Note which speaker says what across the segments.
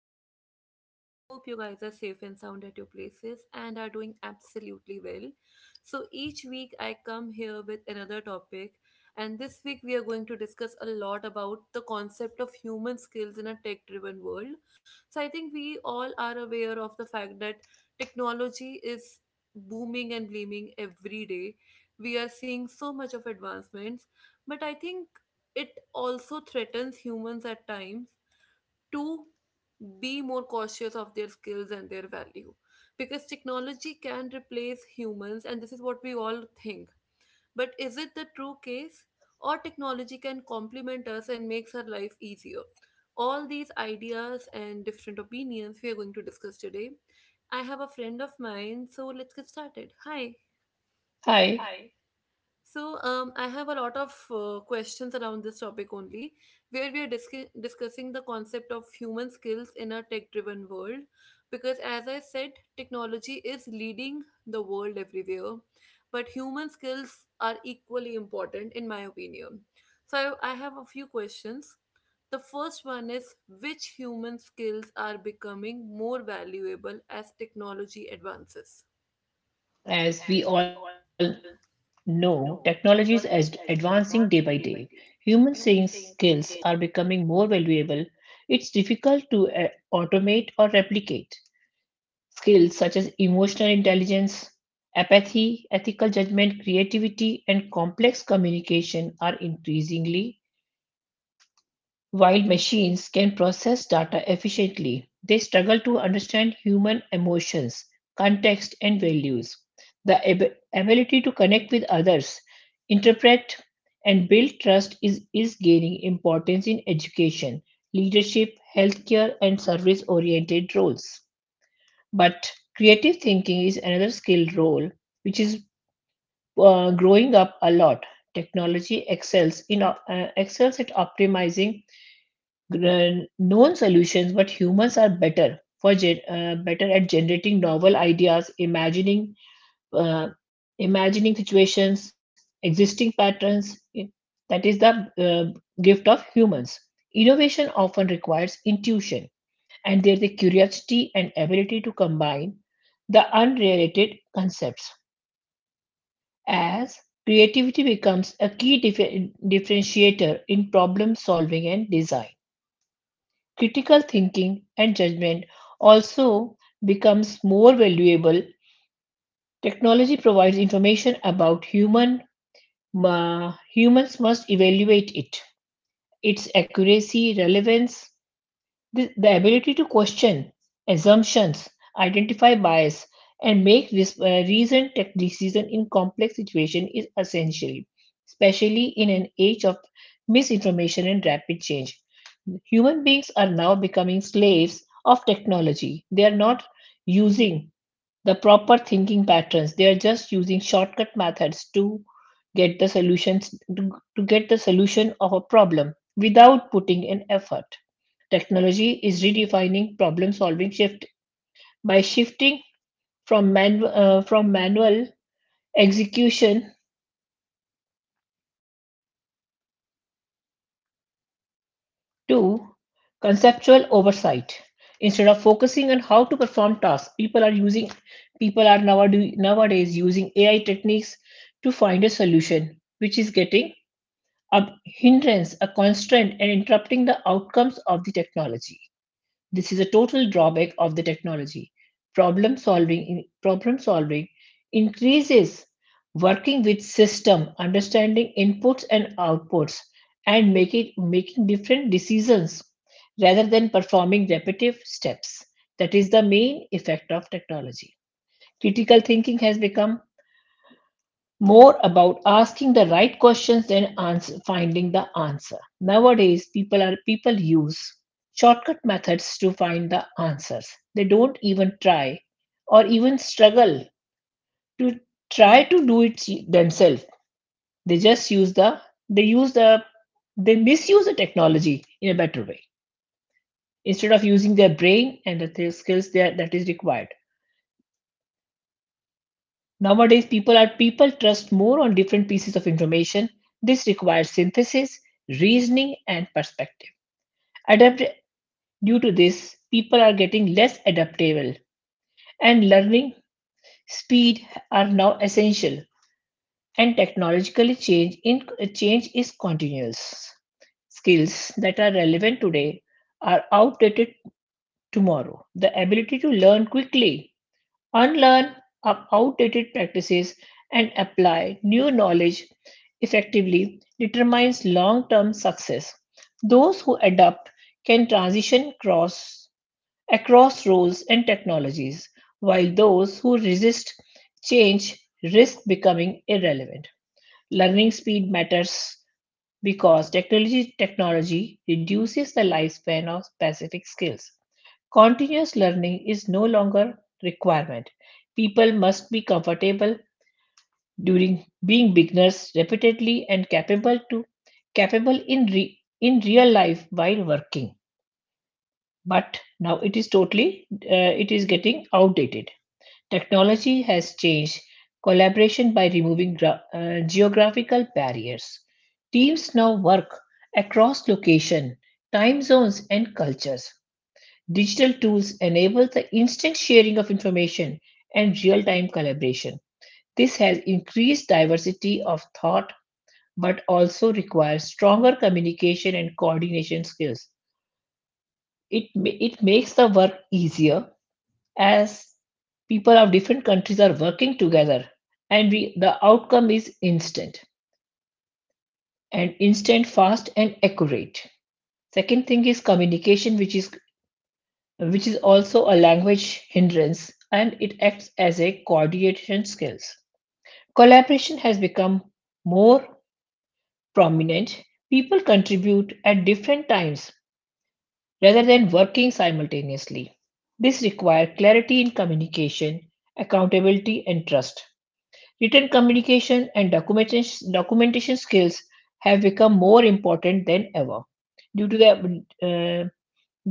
Speaker 1: to everyone. I hope you guys are safe and sound at your places and are doing absolutely well. So, each week I come here with another topic, and this week we are going to discuss a lot about the concept of human skills in a tech driven world. So, I think we all are aware of the fact that technology is booming and blooming every day. We are seeing so much of advancements, but I think it also threatens humans at times to be more cautious of their skills and their value because technology can replace humans, and this is what we all think. But is it the true case? Or technology can complement us and makes our life easier? All these ideas and different opinions we are going to discuss today. I have a friend of mine, so let's get started. Hi.
Speaker 2: Hi,
Speaker 1: Hi. So, I have a lot of questions around this topic only, where we are discussing the concept of human skills in a tech driven world. Because, as I said, technology is leading the world everywhere, but human skills are equally important, in my opinion. So, I have a few questions. The first one is which human skills are becoming more valuable as technology advances?
Speaker 2: as we all know, technology
Speaker 1: No,
Speaker 2: is
Speaker 1: technology is
Speaker 2: advancing day by
Speaker 1: advancing
Speaker 2: day.
Speaker 1: day by day.
Speaker 2: Human seeing
Speaker 1: Human beings
Speaker 2: skills
Speaker 1: can
Speaker 2: are becoming more valuable. It's difficult to automate or replicate. Skills such as emotional intelligence, apathy, ethical judgment, creativity, and complex communication are increasingly While machines can process data efficiently, they struggle to understand human emotions, context, and values. The ability to connect with others, interpret, and build trust is gaining importance in education, leadership, healthcare, and service oriented roles. But creative thinking is another skill role which is growing up a lot. Technology excels in excels at optimizing known solutions, but humans are better for better at generating novel ideas, imagining uh, imagining situations, existing patterns. That is the uh, gift of humans. Innovation often requires intuition, and there's a curiosity and ability to combine the unrelated concepts. As creativity becomes a key differentiator in problem solving and design. Critical thinking and judgment also becomes more valuable. Technology provides information about humans must evaluate it, its accuracy, relevance, the ability to question assumptions, identify bias, and make this reasoned tech decision in complex situations is essential, especially in an age of misinformation and rapid change. Human beings are now becoming slaves of technology. They are not using the proper thinking patterns. They are just using shortcut methods to get the solutions to get the solution of a problem without putting in effort. Technology is redefining problem-solving shift by shifting from man from manual execution to conceptual oversight. Instead of focusing on how to perform tasks, people are nowadays using AI techniques to find a solution, which is getting a hindrance, a constraint, and interrupting the outcomes of the technology. This is a total drawback of the technology. Problem solving increases working with system, understanding inputs and outputs, and making different decisions rather than performing repetitive steps. That is the main effect of technology. Critical thinking has become more about asking the right questions than ans finding the answer. Nowadays, people use shortcut methods to find the answers. They don't even try or even struggle to try to do it themselves. They just use the they use the they misuse the technology in a better way instead of using their brain and the skills there that is required. Nowadays, people trust more on different pieces of information. This requires synthesis, reasoning, and perspective. Adapt due to this, people are getting less adaptable, and learning speed are now essential. And technologically change is continuous. Skills that are relevant today are outdated tomorrow. The ability to learn quickly unlearn up outdated practices and apply new knowledge effectively determines long-term success. Those who adapt can transition across roles and technologies, while those who resist change risk becoming irrelevant. Learning speed matters because technology reduces the lifespan of specific skills. Continuous learning is no longer requirement. People must be comfortable during being beginners repeatedly and capable to capable in in real life while working. But now it is totally it is getting outdated. Technology has changed collaboration by removing geographical barriers. Teams now work across location, time zones and cultures. Digital tools enable the instant sharing of information and real-time collaboration. This has increased diversity of thought but also requires stronger communication and coordination skills. It makes the work easier as people of different countries are working together and we, the outcome is instant and instant fast and accurate. Second thing is communication which is also a language hindrance and it acts as a coordination skills. Collaboration has become more prominent. People contribute at different times rather than working simultaneously. This requires clarity in communication, accountability, and trust. Written communication and documentation skills have become more important than ever due to the uh,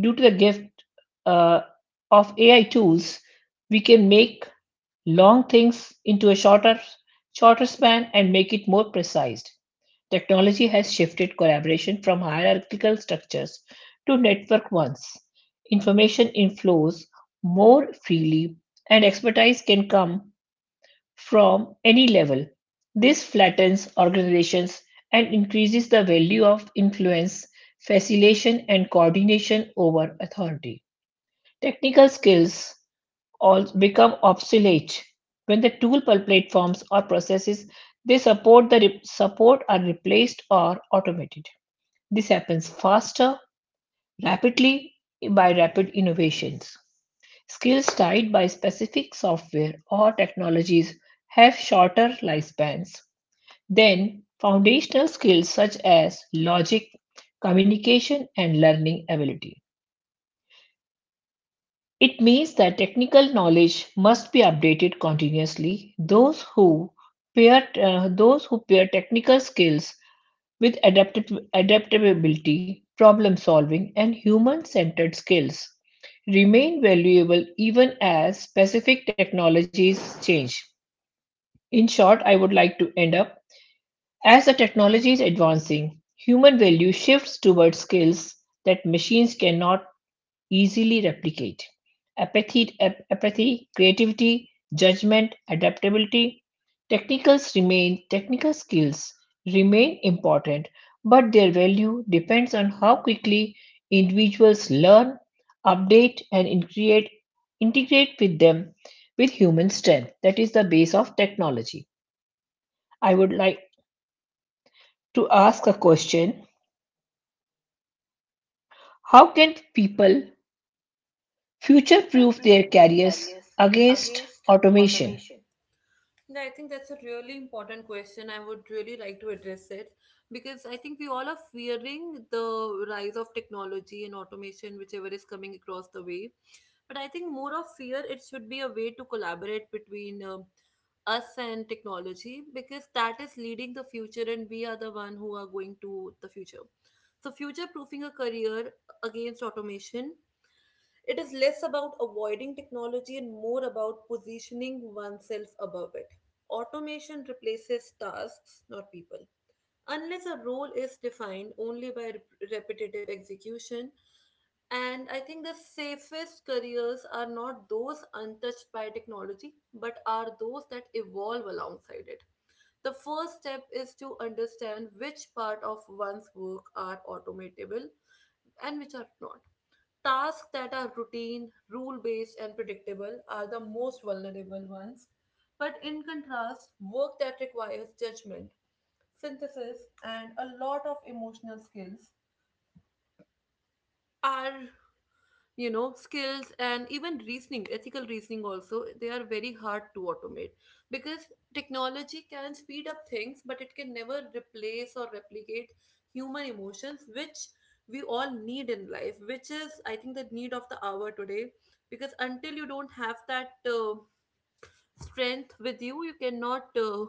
Speaker 2: due to the gift uh, of AI tools, we can make long things into a shorter span and make it more precise. Technology has shifted collaboration from hierarchical structures to network ones. Information inflows more freely, and expertise can come from any level, this flattens organizations and increases the value of influence, facilitation, and coordination over authority. Technical skills all become obsolete when the tool platforms or processes they support the re- support are replaced or automated. This happens faster rapidly by rapid innovations. Skills tied by specific software or technologies have shorter lifespans than foundational skills such as logic, communication, and learning ability. It means that technical knowledge must be updated continuously. Those who pair technical skills with adaptability, problem solving, and human centered skills remain valuable even as specific technologies change. In short, I would like to end up as the technology is advancing, human value shifts towards skills that machines cannot easily replicate apathy, apathy creativity, judgment, adaptability, technical skills remain important, but their value depends on how quickly individuals learn, update, and integrate with them with human strength. That is the base of technology. I would like to ask a question. How can people future
Speaker 1: future
Speaker 2: proof
Speaker 1: proof
Speaker 2: their
Speaker 1: their
Speaker 2: careers
Speaker 1: careers
Speaker 2: against
Speaker 1: against
Speaker 2: automation?
Speaker 1: automation. Yeah, I think that's a really important question. I would really like to address it because I think we all are fearing the rise of technology and automation, whichever is coming across the way. But I think more of fear, it should be a way to collaborate between us and technology because that is leading the future and we are the one who are going to the future. So future proofing a career against automation, it is less about avoiding technology and more about positioning oneself above it. Automation replaces tasks, not people. Unless a role is defined only by repetitive execution, and I think the safest careers are not those untouched by technology, but are those that evolve alongside it. The first step is to understand which part of one's work are automatable and which are not. Tasks that are routine, rule based, and predictable are the most vulnerable ones. But in contrast, work that requires judgment, synthesis, and a lot of emotional skills are you know skills, and even reasoning, ethical reasoning also, they are very hard to automate because technology can speed up things but it can never replace or replicate human emotions which we all need in life, which is I think the need of the hour today, because until you don't have that strength with you, you cannot,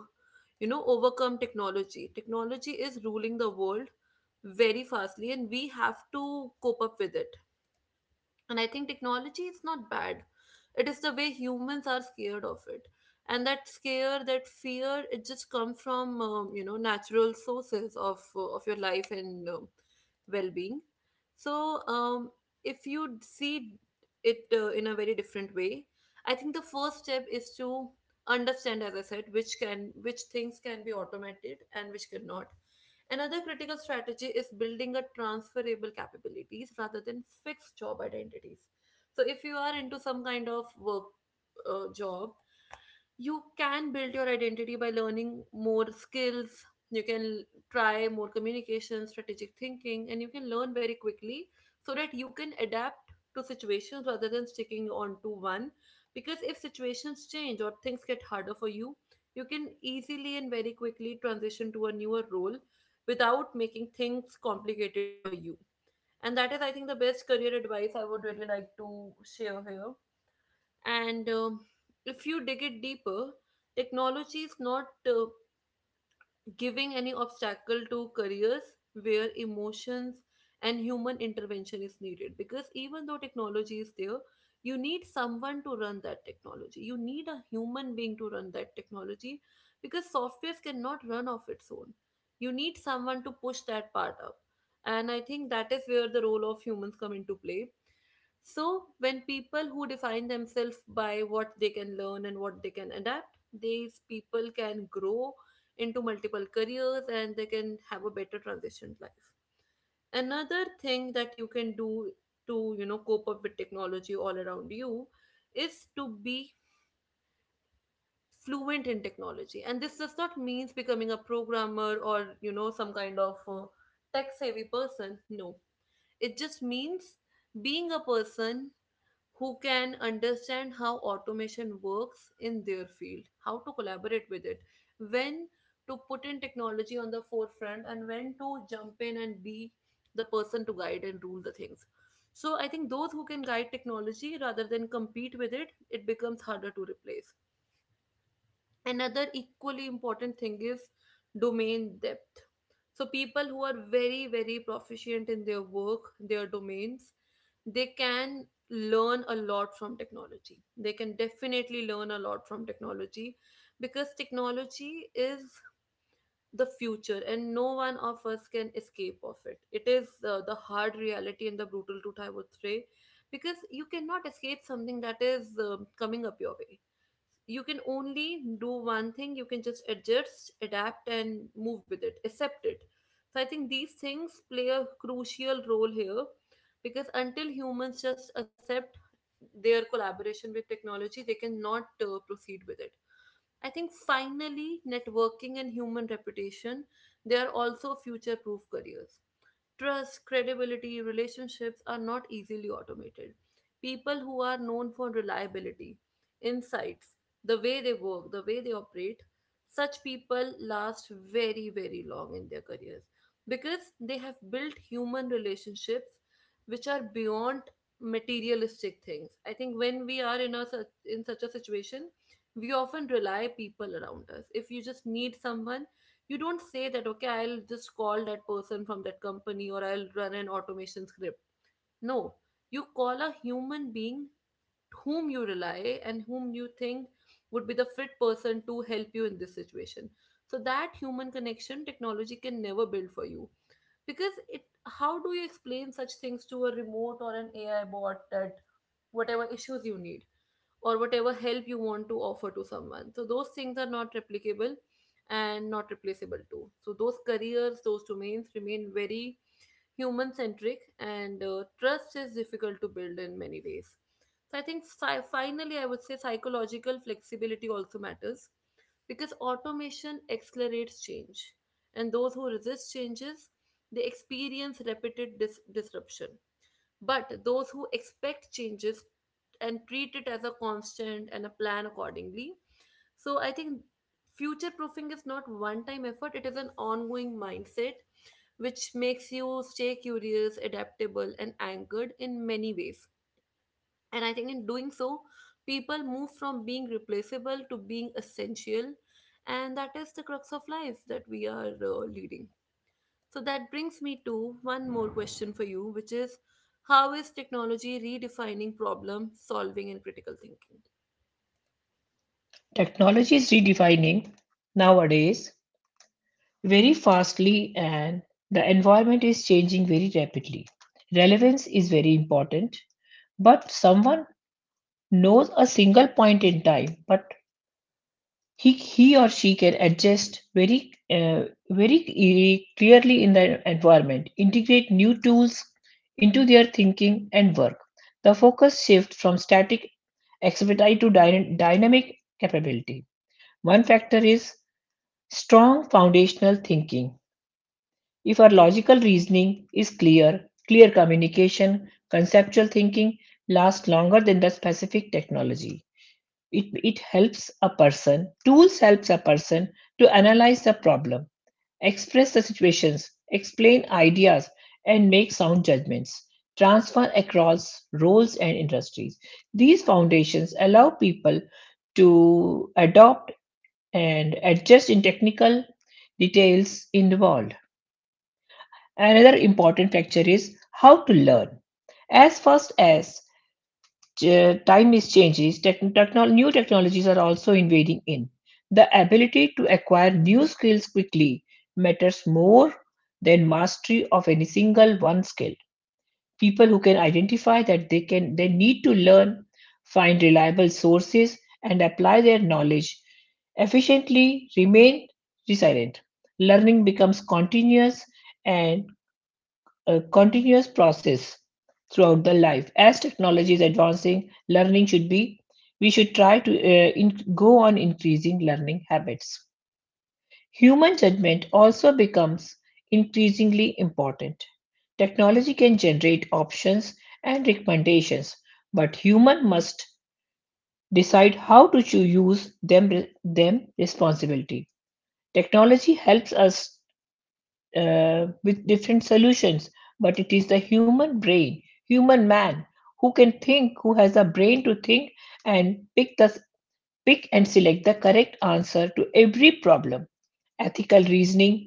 Speaker 1: you know, overcome technology. Technology is ruling the world very fastly and we have to cope up with it. And I think technology is not bad. It is the way humans are scared of it. And that scare, that fear, it just comes from you know, natural sources of of your life and well being. So, if you see it in a very different way, I think the first step is to understand, as I said, which things can be automated and which cannot. Another critical strategy is building a transferable capabilities rather than fixed job identities. So if you are into some kind of work, job, you can build your identity by learning more skills. You can try more communication, strategic thinking, and you can learn very quickly so that you can adapt to situations rather than sticking on to one, because if situations change or things get harder for you, you can easily and very quickly transition to a newer role without making things complicated for you. And that is, I think, the best career advice I would really like to share here. And if you dig it deeper, technology is not giving any obstacle to careers where emotions and human intervention is needed, because even though technology is there, you need someone to run that technology. You need a human being to run that technology because softwares cannot run off its own. You need someone to push that part up, and I think that is where the role of humans come into play. So, when people who define themselves by what they can learn and what they can adapt, these people can grow into multiple careers and they can have a better transition life. Another thing that you can do to you know cope up with technology all around you is to be fluent in technology, and this does not means becoming a programmer or you know some kind of tech savvy person. No, it just means being a person who can understand how automation works in their field, how to collaborate with it, when to put in technology on the forefront, and when to jump in and be the person to guide and rule the things. So I think those who can guide technology rather than compete with it, it becomes harder to replace. Another equally important thing is domain depth. So people who are very, very proficient in their work, their domains, they can learn a lot from technology. They can definitely learn a lot from technology because technology is the future and no one of us can escape of it. It is the hard reality and the brutal truth, I would say, because you cannot escape something that is coming up your way. You can only do one thing. You can just adjust, adapt and move with it, accept it. So I think these things play a crucial role here, because until humans just accept their collaboration with technology, they cannot proceed with it. I think finally networking and human reputation, they are also future proof careers. Trust, credibility, relationships are not easily automated. People who are known for reliability, insights, the way they work, the way they operate, such people last very, very long in their careers because they have built human relationships which are beyond materialistic things. I think when we are in a such in such a situation, we often rely people around us. If you just need someone, you don't say that okay I'll just call that person from that company or I'll run an automation script. No, you call a human being whom you rely and whom you think would be the fit person to help you in this situation. So that human connection technology can never build for you, because it, how do you explain such things to a remote or an AI bot that whatever issues you need or whatever help you want to offer to someone. So those things are not replicable and not replaceable too. So those careers, those domains remain very human centric and trust is difficult to build in many ways. So I think, finally, I would say psychological flexibility also matters because automation accelerates change, and those who resist changes, they experience repeated disruption, but those who expect changes and treat it as a constant and a plan accordingly. So I think future proofing is not one time effort, it is an ongoing mindset which makes you stay curious, adaptable, and anchored in many ways. And I think in doing so, people move from being replaceable to being essential. And that is the crux of life that we are leading. So that brings me to one more question for you, which is how is technology redefining problem solving and critical thinking?
Speaker 2: Technology is redefining nowadays very fastly and the environment is changing very rapidly. Relevance is very important, but someone knows a single point in time, but he or she can adjust very clearly in the environment, integrate new tools into their thinking and work. The focus shift from static expertise to dynamic capability. One factor is strong foundational thinking. If our logical reasoning is clear, clear communication, conceptual thinking lasts longer than the specific technology. It helps a person, tools helps a person to analyze the problem, express the situations, explain ideas, and make sound judgments, transfer across roles and industries. These foundations allow people to adopt and adjust in technical details involved. Another important factor is how to learn. As fast as time is changes, new technologies are also invading in. The ability to acquire new skills quickly matters more than mastery of any single one skill. People who can identify that they need to learn, find reliable sources, and apply their knowledge efficiently remain resilient. Learning becomes continuous and a continuous process throughout the life. As technology is advancing, learning should be we should try to go on increasing learning habits. Human judgment also becomes increasingly important. Technology can generate options and recommendations, but human must decide how to use them responsibility. Technology helps us with different solutions, but it is the human brain, human man, who has a brain to think and pick and select the correct answer to every problem. Ethical reasoning,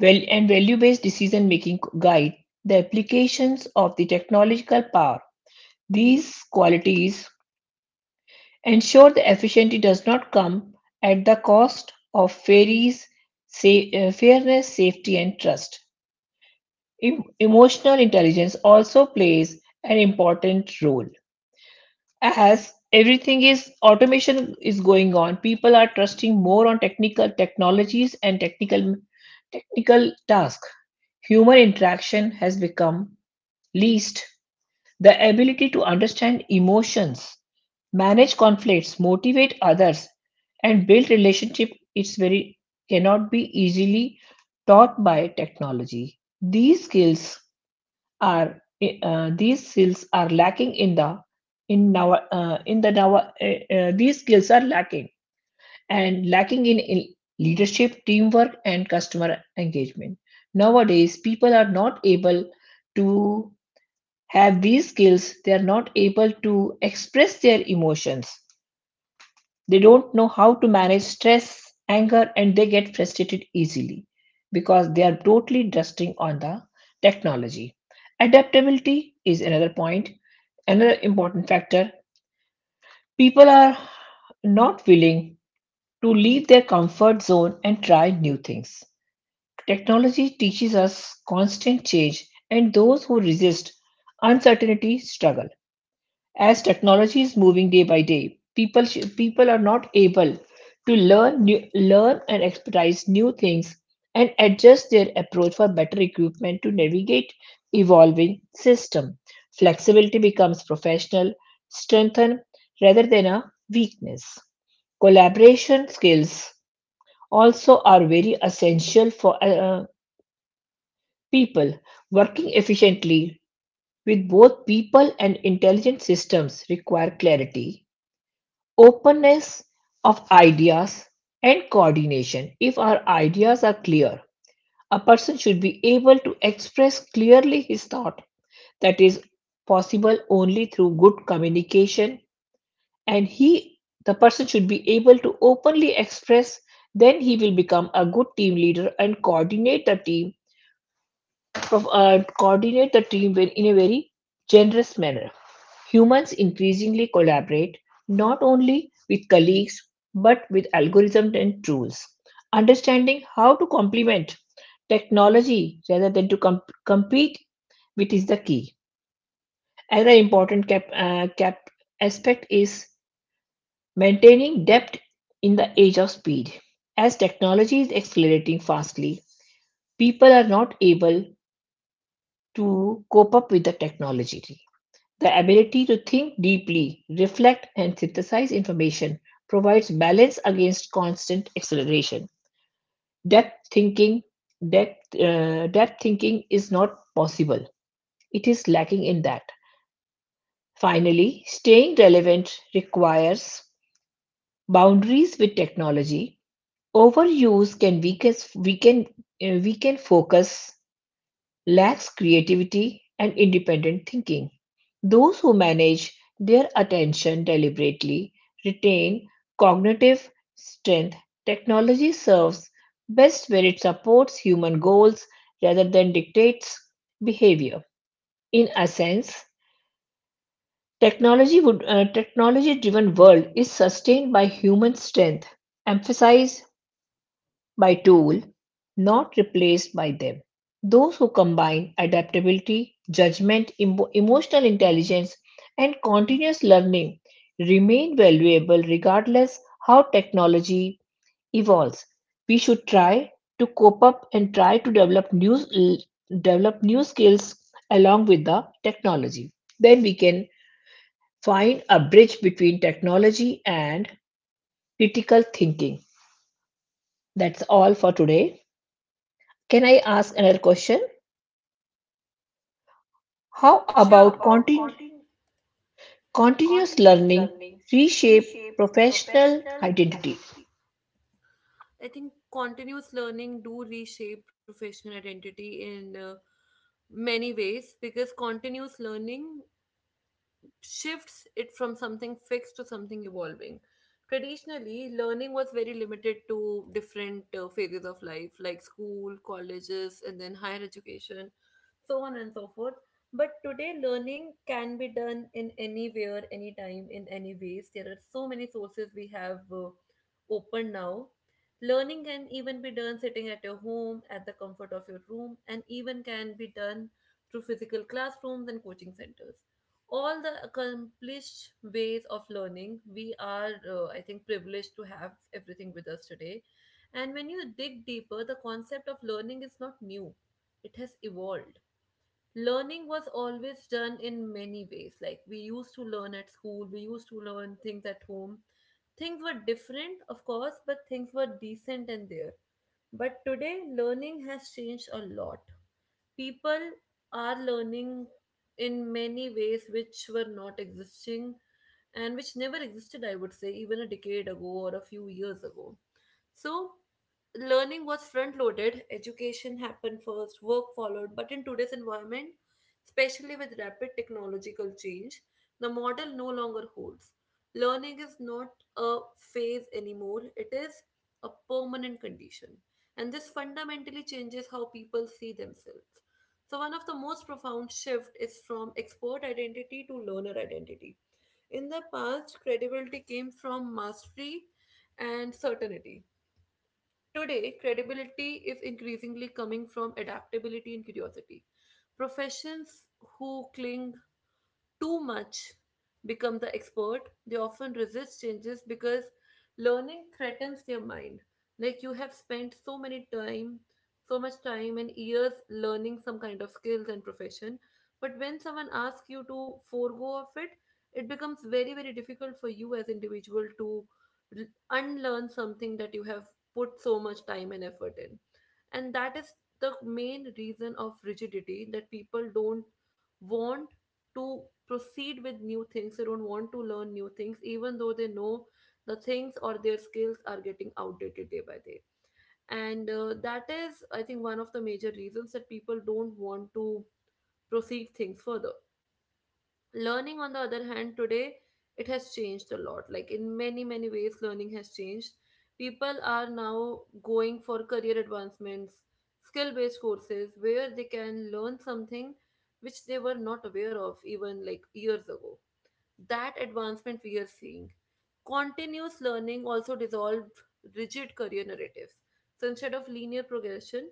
Speaker 2: well, and value-based decision-making guide the applications of the technological power. These qualities ensure the efficiency does not come at the cost of fairies, fairness, safety, and trust. Emotional intelligence also plays an important role. As everything is automation is going on, people are trusting more on technical technologies and technical tasks. Human interaction has become least. The ability to understand emotions, manage conflicts, motivate others, and build relationship it's very cannot be easily taught by technology. Are these skills are lacking in the in the our these skills are lacking and lacking in leadership teamwork and customer engagement nowadays people are not able to have these skills they are not able to express their emotions they don't know how to manage stress, anger, and they get frustrated easily because they are totally trusting on the technology. Adaptability is another point, another important factor. People are not willing to leave their comfort zone and try new things. Technology teaches us constant change, and those who resist uncertainty struggle. As technology is moving day by day, people are not able to learn learn and expertise new things and adjust their approach for better equipment to navigate evolving system. Flexibility becomes professional strengthen rather than a weakness. Collaboration skills also are very essential for people working efficiently with both people and intelligent systems require clarity openness of ideas and coordination. If our ideas are clear, a person should be able to express clearly his thought. That is possible only through good communication, and he, the person, should be able to openly express. Then he will become a good team leader and coordinate the team, coordinate the team in a very generous manner. Humans increasingly collaborate not only with colleagues but with algorithms and tools. Understanding how to complement technology rather than to compete with is the key. Another important cap, cap aspect is maintaining depth in the age of speed. As technology is accelerating fastly, people are not able to cope up with the technology. The ability to think deeply, reflect, and synthesize information provides balance against constant acceleration. Depth thinking, depth thinking is not possible. It is lacking in that. Finally, staying relevant requires boundaries with technology. Overuse can weaken, weaken, uh, weaken focus lacks creativity and independent thinking. Those who manage their attention deliberately retain cognitive strength. Technology serves best where it supports human goals rather than dictates behavior. In a sense, technology driven world is sustained by human strength emphasized by tool, not replaced by them. Those who combine adaptability, judgment, emotional intelligence, and continuous learning remain valuable regardless how technology evolves. We should try to cope up and try to develop develop new skills along with the technology. Then we can find a bridge between technology and critical thinking. That's all for today. Can I ask another question? How
Speaker 1: How Sure.
Speaker 2: about
Speaker 1: about
Speaker 2: continu- continuous
Speaker 1: continuous
Speaker 2: learning
Speaker 1: learning
Speaker 2: reshape
Speaker 1: reshape
Speaker 2: professional
Speaker 1: professional
Speaker 2: identity?
Speaker 1: identity? I think continuous learning do reshape professional identity in many ways, because continuous learning shifts it from something fixed to something evolving. Traditionally, learning was very limited to different phases of life, like school, colleges, and then higher education, so on and so forth. But today, learning can be done in anywhere, anytime, in any ways. There are so many sources we have open now. Learning can even be done sitting at your home, at the comfort of your room, and even can be done through physical classrooms and coaching centers. All the accomplished ways of learning, we are, I think, privileged to have everything with us today. And when you dig deeper, the concept of learning is not new, it has evolved. Learning was always done in many ways, like we used to learn at school, we used to learn things at home. Things were different, of course, but things were decent and there. But today, learning has changed a lot. People are learning in many ways which were not existing and which never existed, I would say, even a decade ago or a few years ago. So, learning was front loaded, education happened first, work followed. But in today's environment, especially with rapid technological change, the model no longer holds. Learning is not a phase anymore, it is a permanent condition and this fundamentally changes how people see themselves. So, one of the most profound shifts is from expert identity to learner identity. In the past, credibility came from mastery and certainty. Today, credibility is increasingly coming from adaptability and curiosity. Professions who cling too much become the expert, they often resist changes because learning threatens their mind. Like you have spent so many time, so much time and years learning some kind of skills and profession, but when someone asks you to forego of it, it becomes very very difficult for you as individual to r- unlearn something that you have put so much time and effort in and that is the main reason of rigidity that people don't want to proceed with new things, they don't want to learn new things even though they know the things or their skills are getting outdated day by day. And that is, I think, one of the major reasons that people don't want to proceed things further. Learning, on the other hand, today it has changed a lot, like in many many ways learning has changed. People are now going for career advancements, skill based courses where they can learn something which they were not aware of even like years ago. That advancement we are seeing. Continuous learning also dissolved rigid career narratives. So instead of linear progression,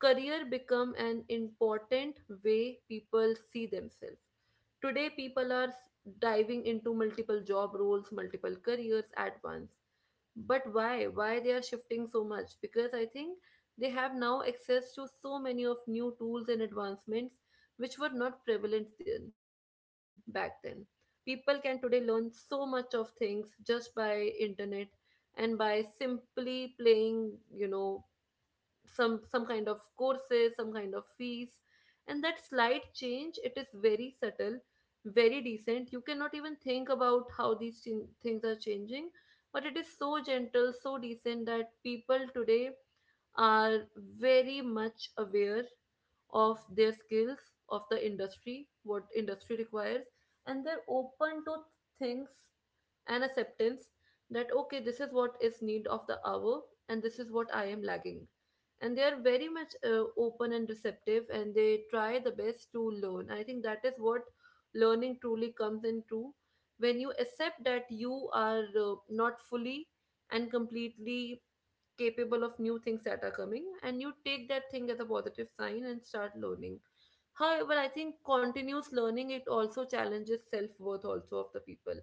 Speaker 1: career become an important way people see themselves. Today, people are diving into multiple job roles, multiple careers at once. But why? Why they are shifting so much? Because I think they have now access to so many of new tools and advancements which were not prevalent then, back then. People can today learn so much of things just by internet and by simply playing some kind of courses, some kind of fees. And that slight change, it is very subtle, very decent, you cannot even think about how these things are changing, but it is so gentle, so decent that people today are very much aware of their skills, of the industry, what industry requires, and they're open to things and acceptance that okay, this is what is need of the hour and this is what I am lacking. And they are very much open and receptive and they try the best to learn. I think that is what learning truly comes into, when you accept that you are not fully and completely capable of new things that are coming and you take that thing as a positive sign and start learning. However, I think continuous learning it also challenges self-worth also of the people.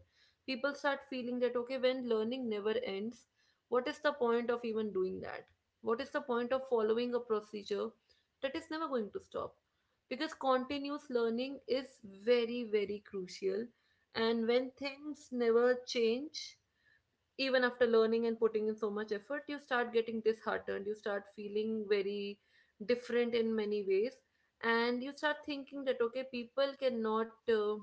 Speaker 1: People start feeling that okay, when learning never ends, what is the point of even doing that? What is the point of following a procedure that is never going to stop? Because continuous learning is very very crucial, and when things never change even after learning and putting in so much effort, you start getting disheartened, you start feeling very different in many ways, and you start thinking that okay, people cannot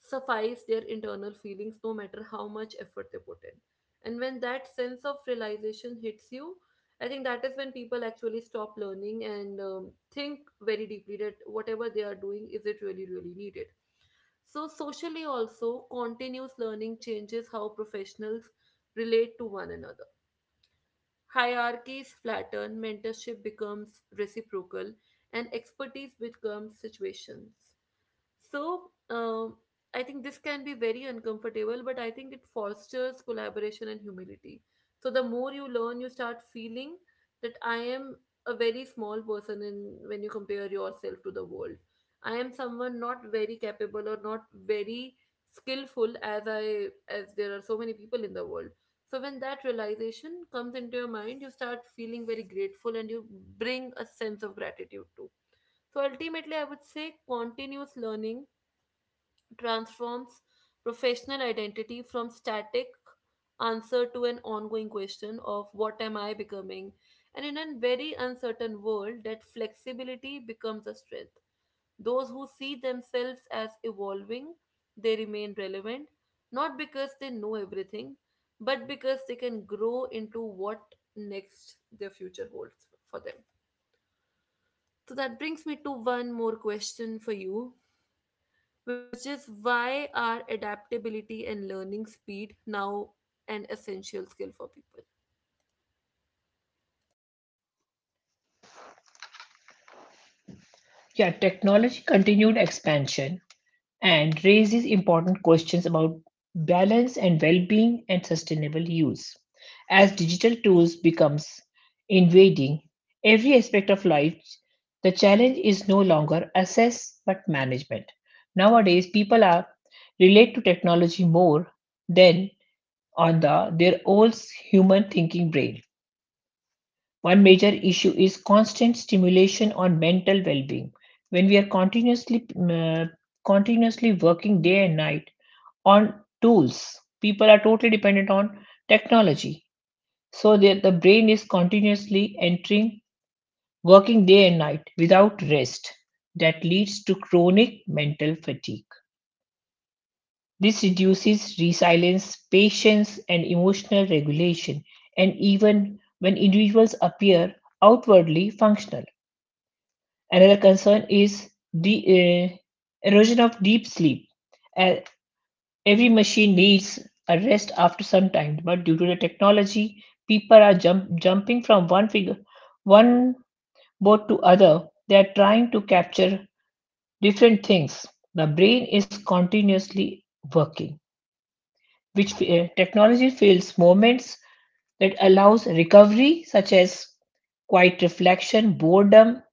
Speaker 1: suffice their internal feelings no matter how much effort they put in. And when that sense of realization hits you, I think that is when people actually stop learning and think very deeply that whatever they are doing, is it really, really needed? So, socially, also, continuous learning changes how professionals relate to one another. Hierarchies flatten, mentorship becomes reciprocal, and expertise becomes situations. So, um, I think this can be very uncomfortable, but I think it fosters collaboration and humility. So, the more you learn, you start feeling that I am a very small person in when you compare yourself to the world. I am someone not very capable or not very skillful as I as there are so many people in the world. So when that realization comes into your mind, you start feeling very grateful and you bring a sense of gratitude too. So ultimately, I would say continuous learning transforms professional identity from static answer to an ongoing question of what am I becoming? And in a very uncertain world, that flexibility becomes a strength. Those who see themselves as evolving, they remain relevant, not because they know everything, but because they can grow into what next their future holds for them. So that brings me to one more question for you, which is why are adaptability and learning speed now an essential skill for people?
Speaker 2: Yeah, technology continued expansion and raises important questions about balance and well-being and sustainable use. As digital tools becomes invading every aspect of life, the challenge is no longer assess but management. Nowadays, people are relate to technology more than on the their old human thinking brain. One major issue is constant stimulation on mental well-being. When we are continuously working day and night on tools, people are totally dependent on technology. So the brain is continuously entering working day and night without rest. That leads to chronic mental fatigue. This reduces resilience, patience, and emotional regulation, and even when individuals appear outwardly functional. Another concern is the erosion of deep sleep. Uh, every machine needs a rest after some time, but due to the technology, people are jumping from one figure, one boat to other. They are trying to capture different things. The brain is continuously working, which technology fills moments that allows recovery such as quiet reflection boredom.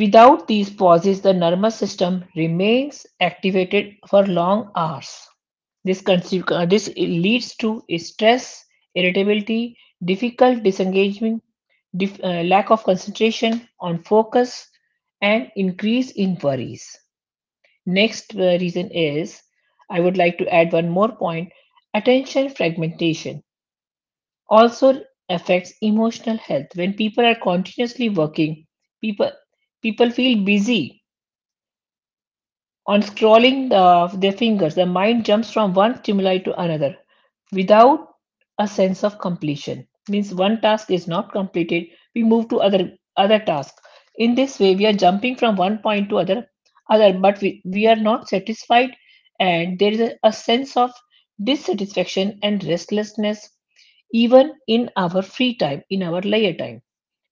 Speaker 2: Without these pauses, the nervous system remains activated for long hours. This leads to stress, irritability, difficult disengagement, lack of concentration on focus, and increase in worries. Next reason is I would like to add one more point. Attention fragmentation also affects emotional health. When people are continuously working, people people feel busy on scrolling their fingers, the mind jumps from one stimuli to another without a sense of completion. Means one task is not completed, we move to other task. In this way, we are jumping from 1 point to other, but we are not satisfied, and there is a sense of dissatisfaction and restlessness even in our free time, in our leisure time.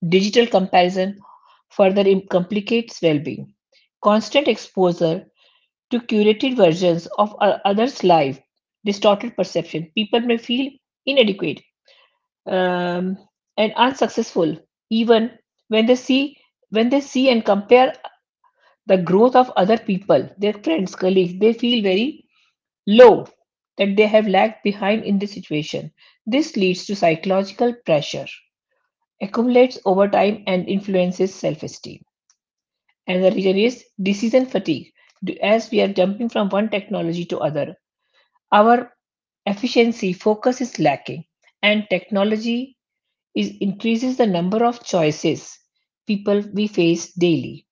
Speaker 2: Digital comparison further complicates well-being. Constant exposure to curated versions of others' life, distorted perception. People may feel inadequate um, and unsuccessful even when they see when they see and compare the growth of other people, their friends, colleagues, they feel very low that they have lagged behind in this situation. This leads to psychological pressure, accumulates over time and influences self-esteem. And the reason is decision fatigue. As we are jumping from one technology to other, our efficiency focus is lacking, and technology is increases the number of choices people we face daily,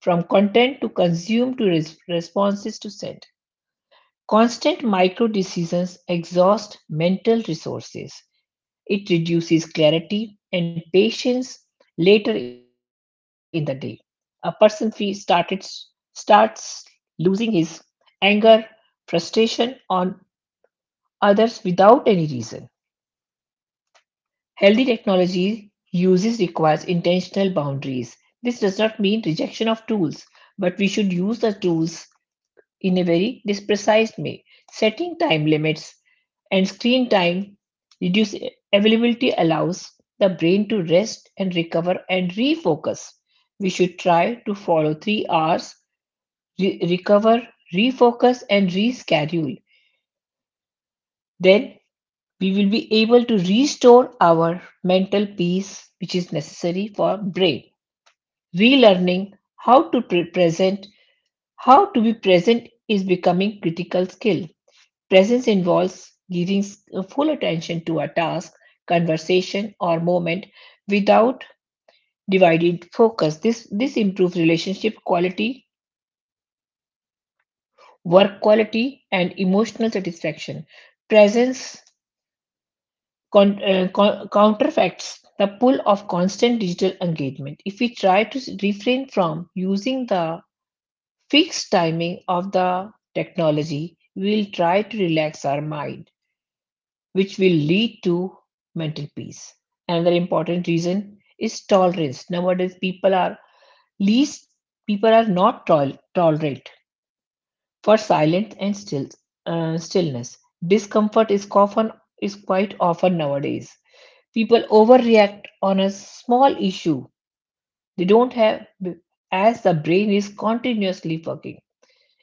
Speaker 2: from content to consume to responses to send. Constant micro decisions exhaust mental resources. It reduces clarity and patience later in the day. A person starts losing his anger, frustration on others without any reason. Healthy technology uses requires intentional boundaries. This does not mean rejection of tools, but we should use the tools in a very this precise way. Setting time limits and screen time reduce availability allows the brain to rest and recover and refocus. We should try to follow 3 hours, recover, refocus, and reschedule. Then we will be able to restore our mental peace which is necessary for brain relearning. How to pre- present how to be present is becoming critical skill. Presence involves giving full attention to a task, conversation, or moment without divided focus. This improves relationship quality, work quality, and emotional satisfaction. Presence counterfeits the pull of constant digital engagement. If we try to refrain from using the fixed timing of the technology, we will try to relax our mind, which will lead to mental peace. Another important reason is tolerance. Nowadays, people are least people are not tolerate for silence and stillness. Discomfort is quite often nowadays. People overreact on a small issue. They don't have as the brain is continuously working.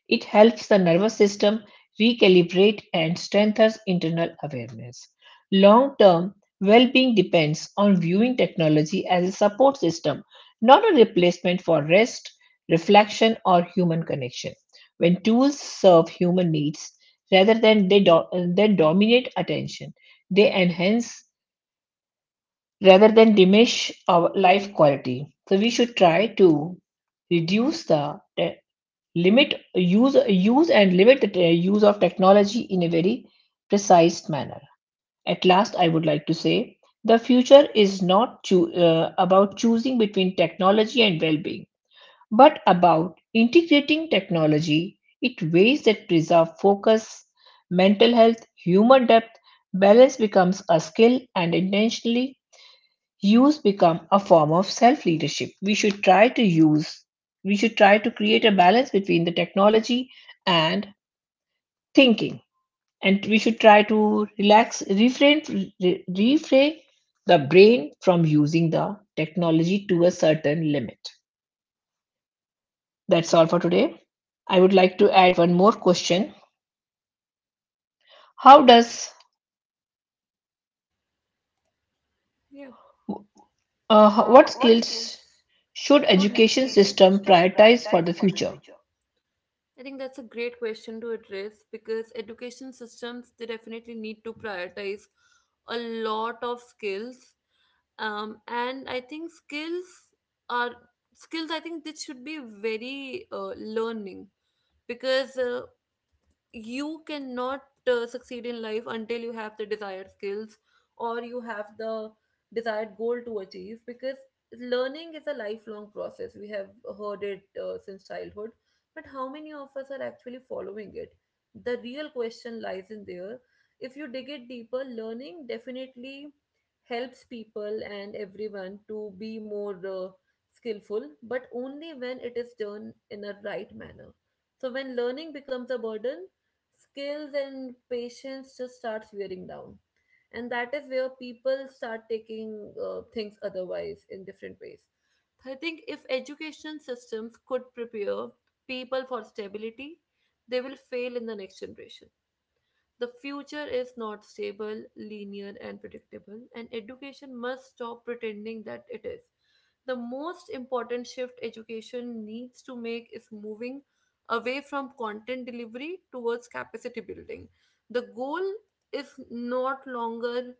Speaker 2: It helps the nervous system recalibrate and strengthens internal awareness. Long term well being depends on viewing technology as a support system, not a replacement for rest, reflection, or human connection. When tools serve human needs rather than they than dominate attention, they enhance rather than diminish our life quality. So we should try to reduce the te- limit use use and limit the use of technology in a very precise manner. At last, I would like to say the future is not about choosing between technology and well-being, but about integrating technology in ways that preserve focus, mental health, human depth. Balance becomes a skill, and intentionally use become a form of self leadership. We should try to use. We should try to create a balance between the technology and thinking, and we should try to relax refrain refrain the brain from using the technology to a certain limit. That's all for today. I would like to add one more question. how does
Speaker 1: Yeah. Uh,
Speaker 2: uh,
Speaker 1: ho-
Speaker 2: what
Speaker 1: what skills
Speaker 2: skills
Speaker 1: should
Speaker 2: should
Speaker 1: education
Speaker 2: education
Speaker 1: system
Speaker 2: system
Speaker 1: prioritize
Speaker 2: prioritize for
Speaker 1: for the
Speaker 2: the
Speaker 1: future?
Speaker 2: future?
Speaker 1: I think that's a great question to address, because education systems they definitely need to prioritize a lot of skills, and I think skills are skills. I think this should be very learning, because you cannot succeed in life until you have the desired skills or you have the desired goal to achieve, because learning is a lifelong process, we have heard it since childhood, but how many of us are actually following it? The real question lies in there. If you dig it deeper, learning definitely helps people and everyone to be more skillful, but only when it is done in a right manner. So when learning becomes a burden, skills and patience just starts wearing down, and that is where people start taking things otherwise in different ways. I think if education systems could prepare people for stability, they will fail in the next generation. The future is not stable, linear and predictable, and education must stop pretending that it is. The most important shift education needs to make is moving away from content delivery towards capacity building. The goal is not longer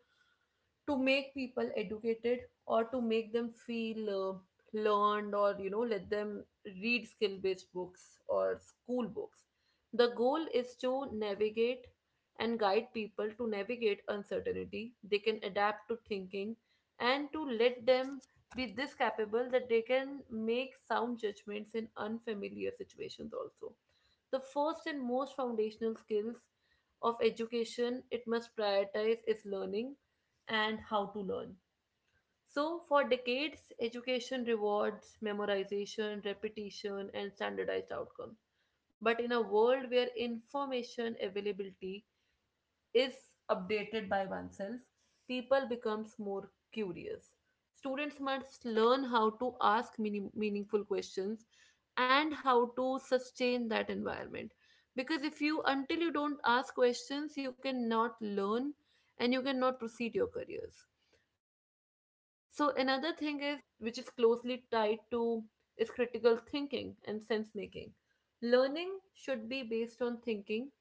Speaker 1: to make people educated or to make them feel learned, or you know, let them read skill based books or school books. The goal is to navigate and guide people to navigate uncertainty, they can adapt to thinking and to let them be this capable that they can make sound judgments in unfamiliar situations also. The first and most foundational skills of education it must prioritize is learning and how to learn. So, for decades, education rewards memorization, repetition, and standardized outcomes. But in a world where information availability is updated by oneself, people becomes more curious. Students must learn how to ask meaning, meaningful questions and how to sustain that environment. Because if you until you don't ask questions, you cannot learn and you cannot proceed your careers. So another thing is which is closely tied to is critical thinking and sense making. Learning should be based on thinking,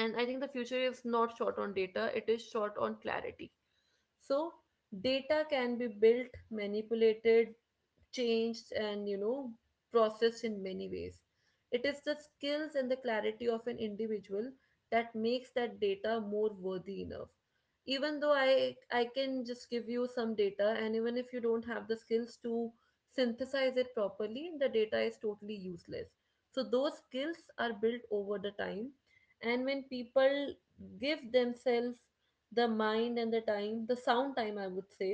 Speaker 1: and I think the future is not short on data, it is short on clarity. So data can be built, manipulated, changed and you know, processed in many ways. It is the skills and the clarity of an individual that makes that data more worthy enough. Even though I can just give you some data, and even if you don't have the skills to synthesize it properly, the data is totally useless. So those skills are built over the time, and when people give themselves the mind and the time, the sound time I would say,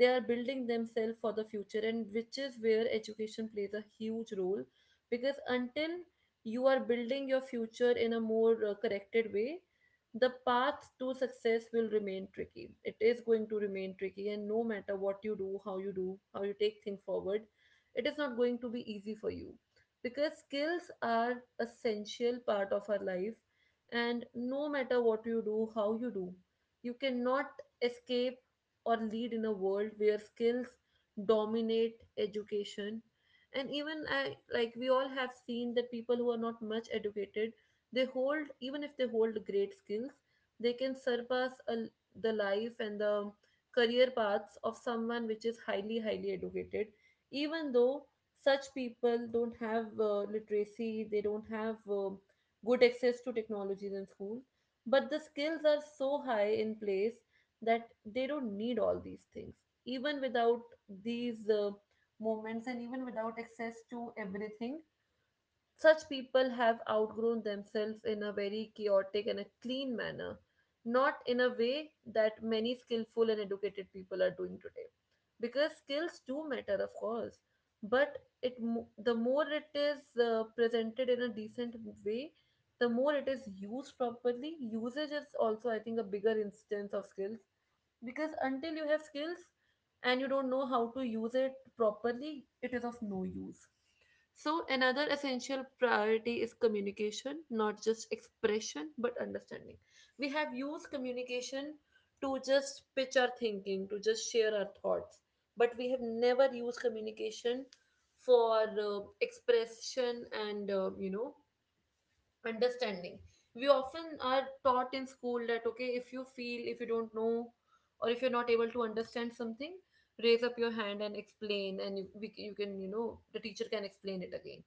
Speaker 1: they are building themselves for the future, and which is where education plays a huge role. Because until you are building your future in a more corrected way, the path to success will remain tricky, it is going to remain tricky, and no matter what you do, how you do, how you take things forward, it is not going to be easy for you, because skills are essential part of our life. And no matter what you do, how you do, you cannot escape or lead in a world where skills dominate education. And even I, like we all have seen that people who are not much educated, they hold, even if they hold great skills, they can surpass a, the life and the career paths of someone which is highly highly educated, even though such people don't have literacy, they don't have good access to technologies in school, but the skills are so high in place that they don't need all these things. Even without these moments and even without access to everything, such people have outgrown themselves in a very chaotic and a clean manner, not in a way that many skillful and educated people are doing today, because skills do matter of course. But it the more it is presented in a decent way, the more it is used properly, usage is also I think a bigger instance of skills. Because until you have skills and you don't know how to use it properly, it is of no use. So, another essential priority is communication, not just expression, but understanding. We have used communication to just pitch our thinking, to just share our thoughts, but we have never used communication for expression and understanding. We often are taught in school that okay, if you don't know or if you're not able to understand something, raise up your hand and explain, and you can, the teacher can explain it again.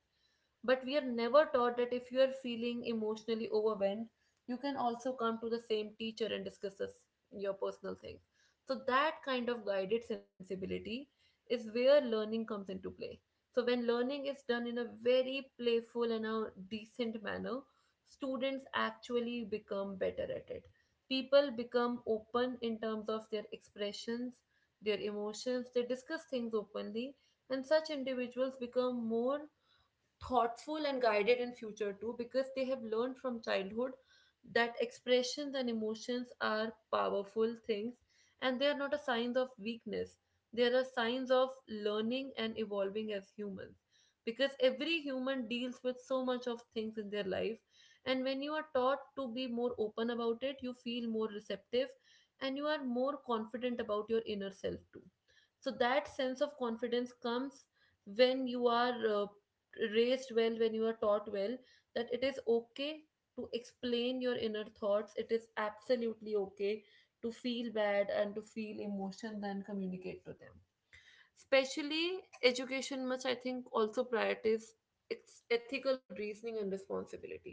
Speaker 1: But we are never taught that if you are feeling emotionally overwhelmed, you can also come to the same teacher and discuss this, your personal things. So that kind of guided sensibility is where learning comes into play. So when learning is done in a very playful and a decent manner, students actually become better at it. People become open in terms of their expressions, their emotions, they discuss things openly, and such individuals become more thoughtful and guided in future too, because they have learned from childhood that expressions and emotions are powerful things, and they are not a signs of weakness. They are signs of learning and evolving as humans, because every human deals with so much of things in their life, and when you are taught to be more open about it, you feel more receptive, and you are more confident about your inner self too. So that sense of confidence comes when you are uh, raised well, when you are taught well, that it is okay to explain your inner thoughts. It is absolutely okay to feel bad and to feel emotions and communicate to them. Especially education must, I think, also prioritize its ethical reasoning and responsibility.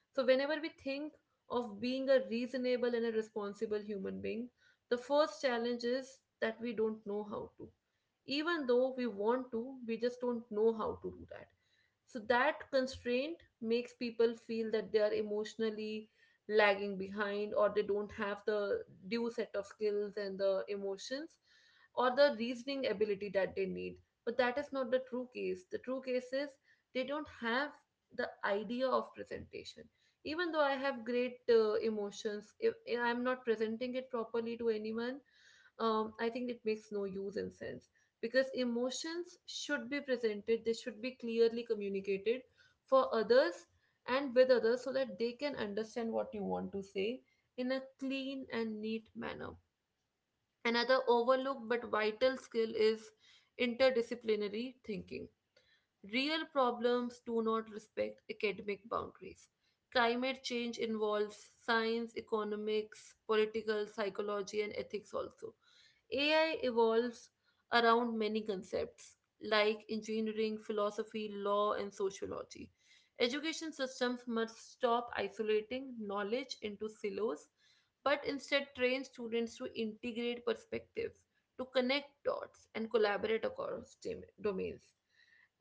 Speaker 1: So whenever we think of being a reasonable and a responsible human being, the first challenge is that we don't know how to. Even though we want to, we just don't know how to do that. So that constraint makes people feel that they are emotionally lagging behind, or they don't have the due set of skills and the emotions or the reasoning ability that they need. But that is not the true case. The true case is they don't have the idea of presentation. Even though I have great emotions, if I'm not presenting it properly to anyone, I think it makes no use and sense, because emotions should be presented, they should be clearly communicated for others and with others, so that they can understand what you want to say in a clean and neat manner. Another overlooked but vital skill is interdisciplinary thinking. Real problems do not respect academic boundaries. Climate change involves science, economics, political psychology, and ethics also. AI evolves around many concepts like engineering, philosophy, law, and sociology. Education systems must stop isolating knowledge into silos, but instead train students to integrate perspectives, to connect dots, and collaborate across domains.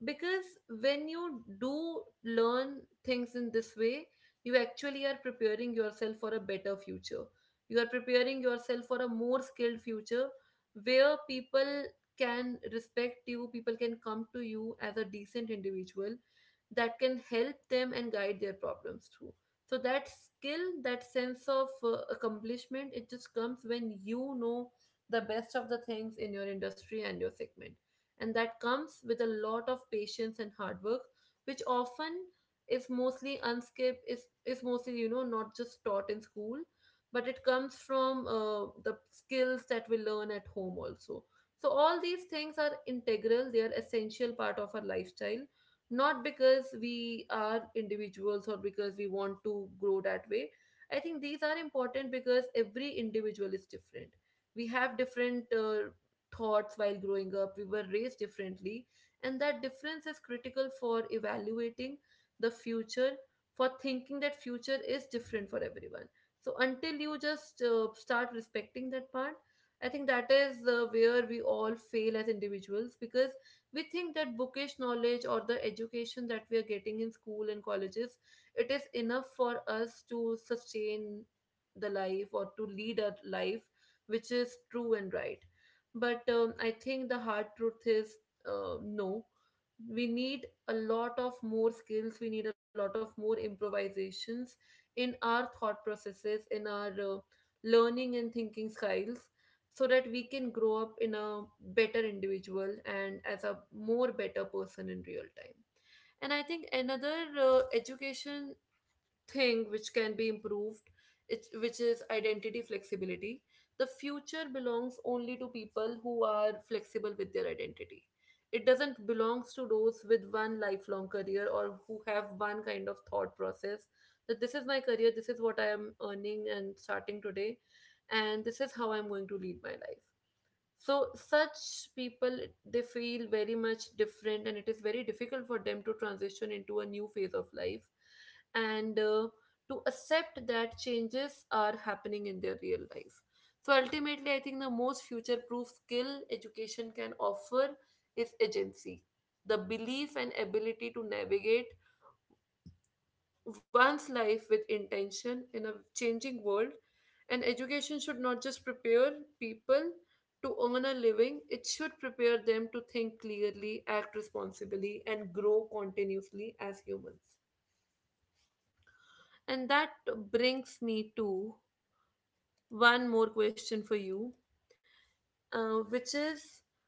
Speaker 1: Because when you do learn things in this way, you actually are preparing yourself for a better future. You are preparing yourself for a more skilled future where people can respect you, people can come to you as a decent individual that can help them and guide their problems through. So that skill, that sense of accomplishment, it just comes when you know the best of the things in your industry and your segment. And that comes with a lot of patience and hard work, which often is mostly unskip is mostly, not just taught in school, but it comes from the skills that we learn at home also. So all these things are integral. They are essential part of our lifestyle, not because we are individuals or because we want to grow that way. I think these are important because every individual is different. We have different thoughts. While growing up we were raised differently, and that difference is critical for evaluating the future, for thinking that future is different for everyone. So until you just start respecting that part, I think that is where we all fail as individuals, because we think that bookish knowledge or the education that we are getting in school and colleges, it is enough for us to sustain the life or to lead a life, which is true and right. But I think the hard truth is no, we need a lot of more skills, we need a lot of more improvisations in our thought processes, in our learning and thinking styles, so that we can grow up in a better individual and as a more better person in real time. And I think another education thing which can be improved, which is identity flexibility. The future belongs only to people who are flexible with their identity. It doesn't belongs to those with one lifelong career or who have one kind of thought process, that this is my career, this is what I am earning and starting today, and this is how I'm going to lead my life. So such people, they feel very much different, and it is very difficult for them to transition into a new phase of life and to accept that changes are happening in their real life. So ultimately I think the most future proof skill education can offer is agency, the belief and ability to navigate one's life with intention in a changing world. And education should not just prepare people to earn a living, it should prepare them to think clearly, act responsibly, and grow continuously as humans. And that brings me to one more question for you, which is,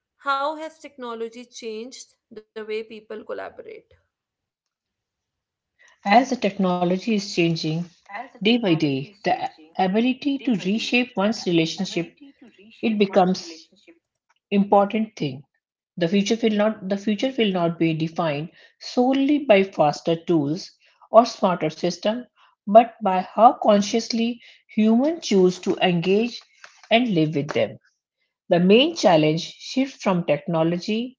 Speaker 1: how has technology changed the way people collaborate?
Speaker 2: As the technology is
Speaker 1: As the
Speaker 2: changing
Speaker 1: technology
Speaker 2: day
Speaker 1: is
Speaker 2: by
Speaker 1: changing
Speaker 2: day,
Speaker 1: day by day,
Speaker 2: ability to
Speaker 1: the
Speaker 2: reshape one's
Speaker 1: ability to
Speaker 2: relationship
Speaker 1: reshape one's
Speaker 2: it
Speaker 1: relationship.
Speaker 2: becomes important thing. The future will not be defined solely by faster tools or smarter system, but by how consciously humans choose to engage and live with them. The main challenge shifts from technology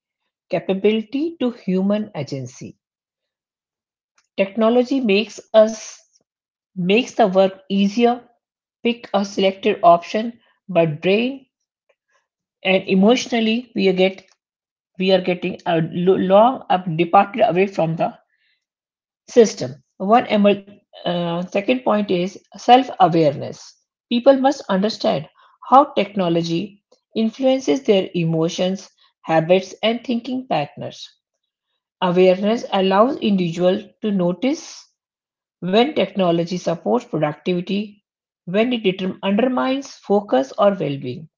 Speaker 2: capability to human agency. Technology makes us Makes the work easier, pick a selected option, but brain and emotionally we are getting long up departed away from the system. Second point is self-awareness. People must understand how technology influences their emotions, habits, and thinking patterns. Awareness allows individuals to notice when technology supports productivity, when it undermines focus or well being.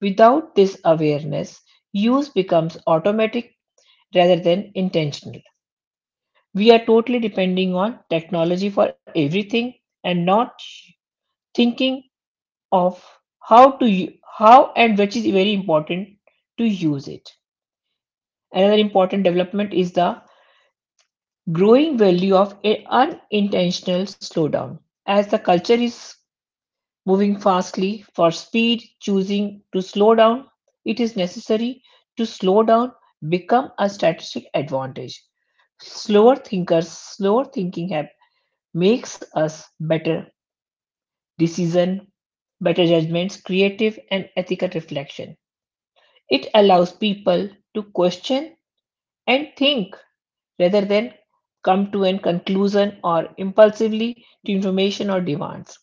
Speaker 2: Without this awareness, use becomes automatic rather than intentional. We are totally depending on technology for everything and not thinking of how to u- how and which is very important to use it. Another important development is the growing value of a unintentional slowdown. As the culture is moving fastly for speed, choosing to slow down, it is necessary to slow down become a strategic advantage. Slower thinkers, slower thinking have makes us better decision, better judgments, creative and ethical reflection. It allows people to question and think rather than come to an conclusion or impulsively to information or demands.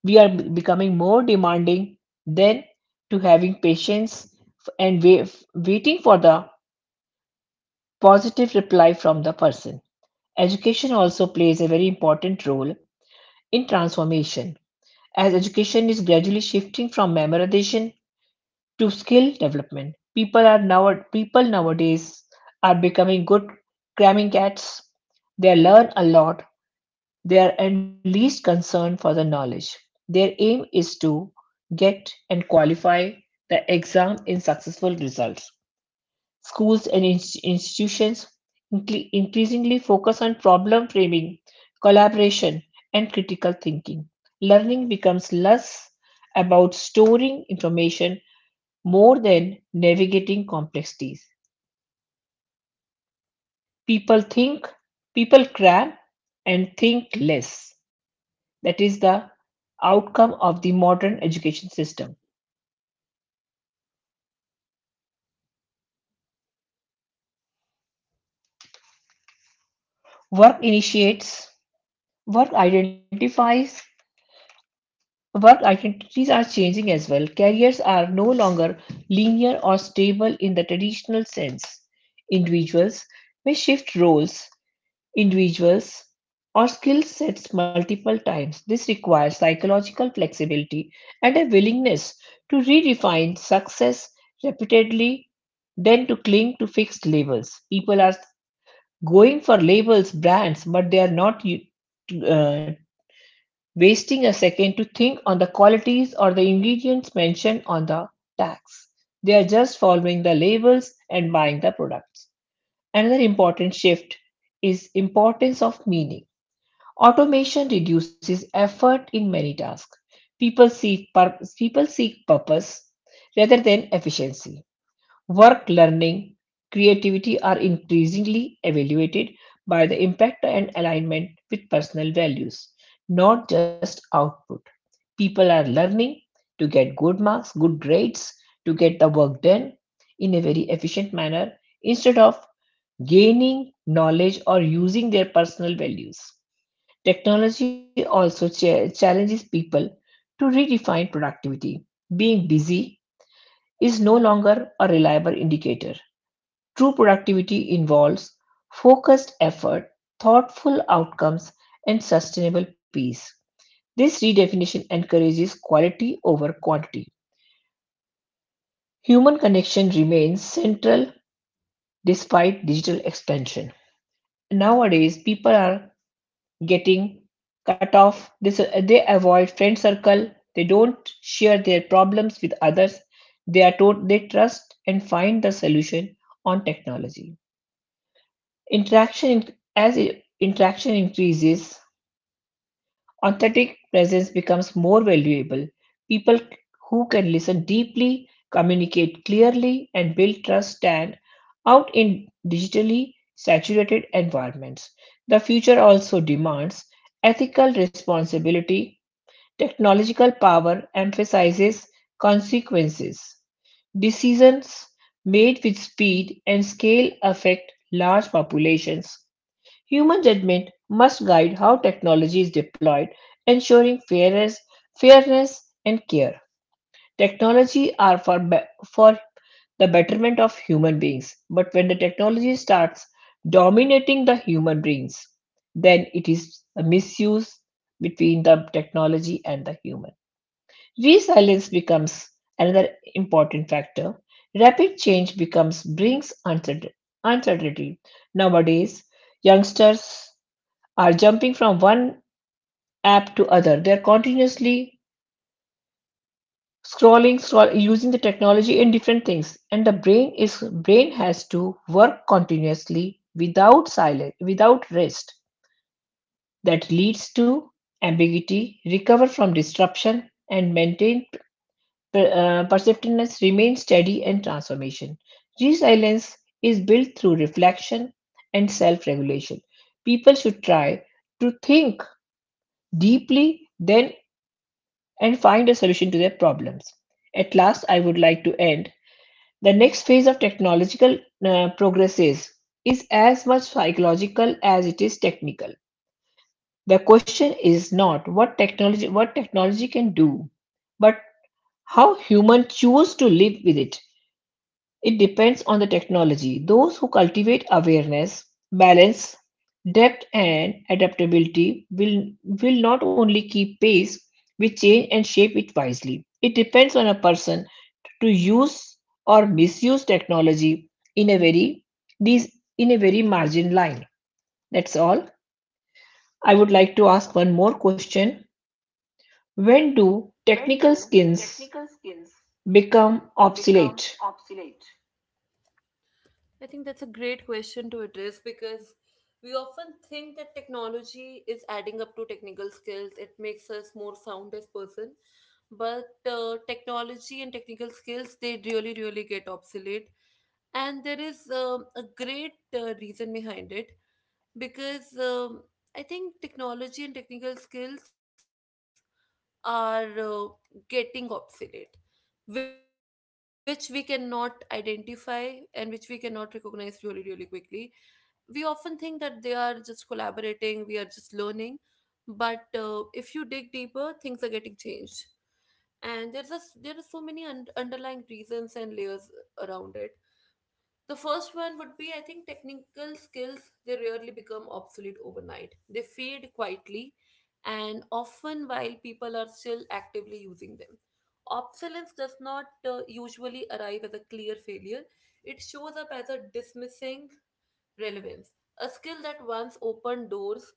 Speaker 2: We are becoming more demanding than to having patience and waiting for the positive reply from the person. Education also plays a very important role in transformation. As education is gradually shifting from memorization to skill development, people nowadays are becoming good cramming cats. They learn a lot. They are at least concerned for the knowledge. Their aim is to get and qualify the exam in successful results. Schools and institutions increasingly focus on problem framing, collaboration, and critical thinking. Learning becomes less about storing information more than navigating complexities. People think, people cram, and think less. That is the outcome of the modern education system. Work initiates, work identifies, work identities are changing as well. Careers are no longer linear or stable in the traditional sense. Individuals may shift roles, individuals, or skill sets multiple times. This requires psychological flexibility and a willingness to redefine success repeatedly than to cling to fixed labels. People are going for labels, brands, but they are not uh, wasting a second to think on the qualities or the ingredients mentioned on the tax. They are just following the labels and buying the products. Another important shift is importance of meaning. Automation reduces effort in many tasks. People seek purpose rather than efficiency. Work, learning, creativity are increasingly evaluated by the impact and alignment with personal values, not just output. People are learning to get good marks, good grades, to get the work done in a very efficient manner instead of gaining knowledge or using their personal values. Technology also challenges people to redefine productivity. Being busy is no longer a reliable indicator. True productivity involves focused effort, thoughtful outcomes, and sustainable peace. This redefinition encourages quality over quantity. Human connection remains central despite digital expansion. Nowadays, people are getting cut off. They avoid friend circle. They don't share their problems with others. They are told they trust and find the solution on technology. Interaction in- as I- interaction increases. Authentic presence becomes more valuable. People who can listen deeply, communicate clearly, and build trust stand out in digitally saturated environments. The future also demands ethical responsibility. Technological power emphasizes consequences. Decisions made with speed and scale affect large populations. Human judgment must guide how technology is deployed, ensuring fairness and care. Technology are for the betterment of human beings, but when the technology starts dominating the human beings, then it is a misuse between the technology and the human. Resilience becomes another important factor. Rapid change becomes brings uncertainty. Nowadays, youngsters are jumping from one app to other. They're continuously scrolling, using the technology in different things, and the brain has to work continuously without silence, without rest. That leads to ambiguity, recover from disruption, and maintain perceptiveness, remain steady and transformation. Resilience is built through reflection and self-regulation. People should try to think deeply, then and find a solution to their problems. At last, I would like to end. The next phase of technological progress is as much psychological as it is technical. The question is not what technology can do, but how humans choose to live with it. It depends on the technology. Those who cultivate awareness, balance, depth, and adaptability will not only keep pace with change and shape it wisely. It depends on a person to use or misuse technology in a very margin line. That's all. I would like to ask one more question. When do
Speaker 1: When
Speaker 2: technical
Speaker 1: do
Speaker 2: skills
Speaker 1: technical skills
Speaker 2: become
Speaker 1: become
Speaker 2: obsolete?
Speaker 1: obsolete? I think that's a great question to address, because we often think that technology is adding up to technical skills. It makes us more sound as person, but technology and technical skills, they really get obsolete, and there is a great reason behind it. Because I think technology and technical skills are getting obsolete, which we cannot identify and which we cannot recognize really, really quickly. We often think that they are just collaborating, we are just learning, but if you dig deeper, things are getting changed. And there are so many underlying reasons and layers around it. The first one would be, I think, technical skills, they rarely become obsolete overnight. They fade quietly, and often while people are still actively using them. Obsolescence does not usually arrive as a clear failure, it shows up as a dismissing relevance. A skill that once opened doors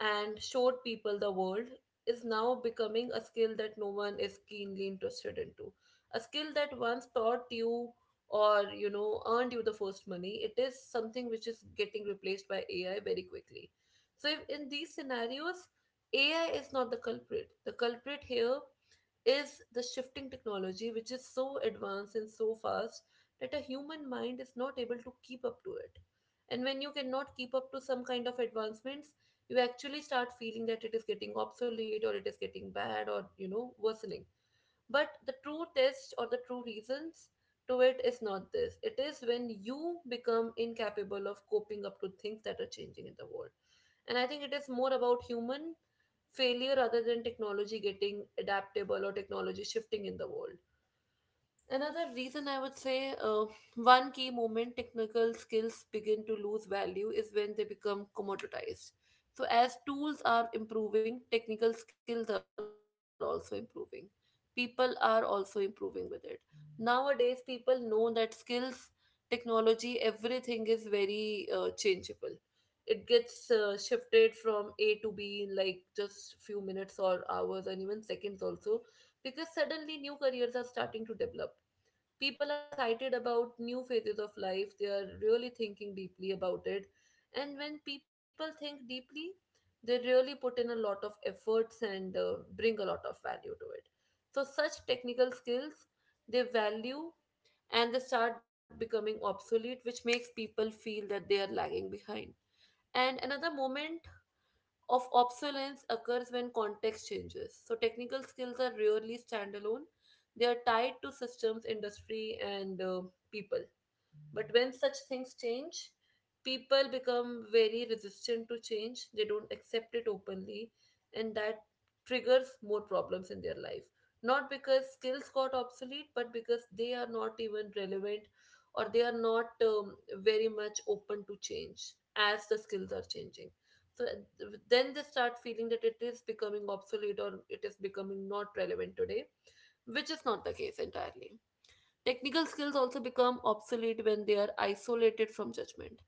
Speaker 1: and showed people the world is now becoming a skill that no one is keenly interested into. A skill that once taught you or earned you the first money, it is something which is getting replaced by AI very quickly. So if in these scenarios, AI is not the culprit. The culprit here is the shifting technology, which is so advanced and so fast that a human mind is not able to keep up to it. And when you cannot keep up to some kind of advancements, you actually start feeling that it is getting obsolete or it is getting bad or, worsening. But the true test or the true reasons to it is not this. It is when you become incapable of coping up to things that are changing in the world. And I think it is more about human failure other than technology getting adaptable or technology shifting in the world. Another reason I would say, one key moment technical skills begin to lose value is when they become commoditized. So as tools are improving, technical skills are also improving. People are also improving with it. Nowadays, people know that skills, technology, everything is very changeable. It gets shifted from A to B in like just few minutes or hours and even seconds also, because suddenly new careers are starting to develop. People are excited about new phases of life, they are really thinking deeply about it. And when people think deeply, they really put in a lot of efforts and bring a lot of value to it. So such technical skills, they value, and they start becoming obsolete, which makes people feel that they are lagging behind. And another moment of obsolescence occurs when context changes. So technical skills are rarely standalone, they are tied to systems, industry, and people. But when such things change, people become very resistant to change. They don't accept it openly, and that triggers more problems in their life. Not because skills got obsolete, but because they are not even relevant, or they are not very much open to change as the skills are changing. So then they start feeling that it is becoming obsolete or it is becoming not relevant today, which is not the case entirely. Technical skills also become obsolete when they are isolated from judgment.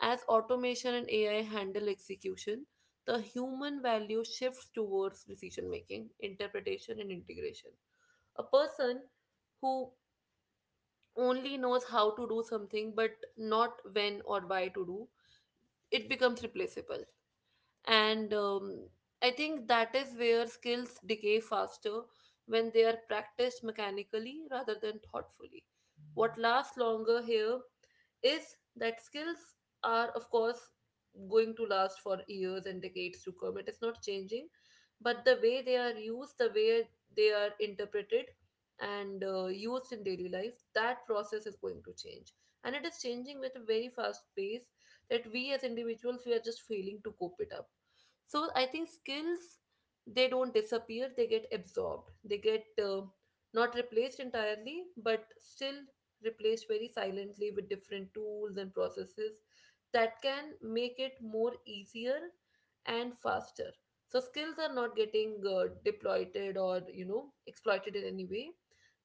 Speaker 1: As automation and AI handle execution, the human value shifts towards decision making, interpretation, and integration. A person who only knows how to do something but not when or why to do, it becomes replaceable, and I think that is where skills decay faster when they are practiced mechanically rather than thoughtfully. What lasts longer here is that skills are of course going to last for years and decades to come. It is not changing, but the way they are used, the way they are interpreted and used in daily life, that process is going to change, and it is changing with a very fast pace that we as individuals, we are just failing to cope it up. So I think skills, they don't disappear, they get absorbed, they get not replaced entirely, but still replaced very silently with different tools and processes that can make it more easier and faster. So skills are not getting deployed or exploited in any way,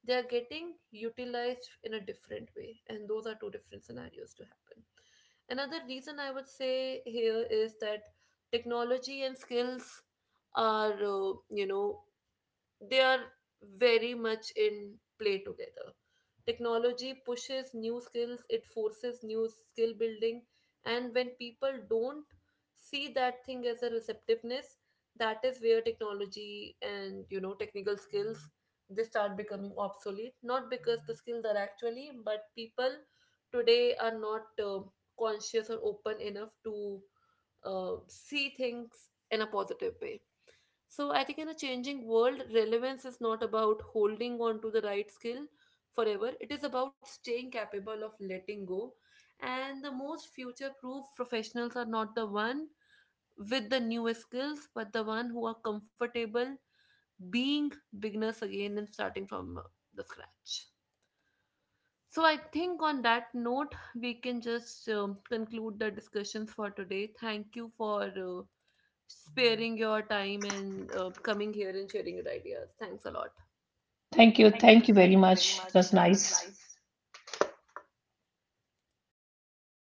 Speaker 1: they are getting utilized in a different way, and those are two different scenarios to happen. Another reason I would say here is that technology and skills are, they are very much in play together. Technology pushes new skills, it forces new skill building, and when people don't see that thing as a receptiveness, that is where technology and technical skills, they start becoming obsolete. Not because the skills are actually, but people today are not conscious or open enough to see things in a positive way. So I think in a changing world, relevance is not about holding on to the right skill forever. It is about staying capable of letting go. And the most future-proof professionals are not the one with the newest skills, but the one who are comfortable being beginners again and starting from the scratch. So I think on that note, we can just conclude the discussions for today. Thank you for sparing your time and coming here and sharing your ideas. Thanks a lot.
Speaker 2: Thank you.
Speaker 1: Thank you.
Speaker 2: Thank you very
Speaker 1: Thank you very
Speaker 2: much. It was
Speaker 1: much. It was
Speaker 2: nice.
Speaker 1: nice.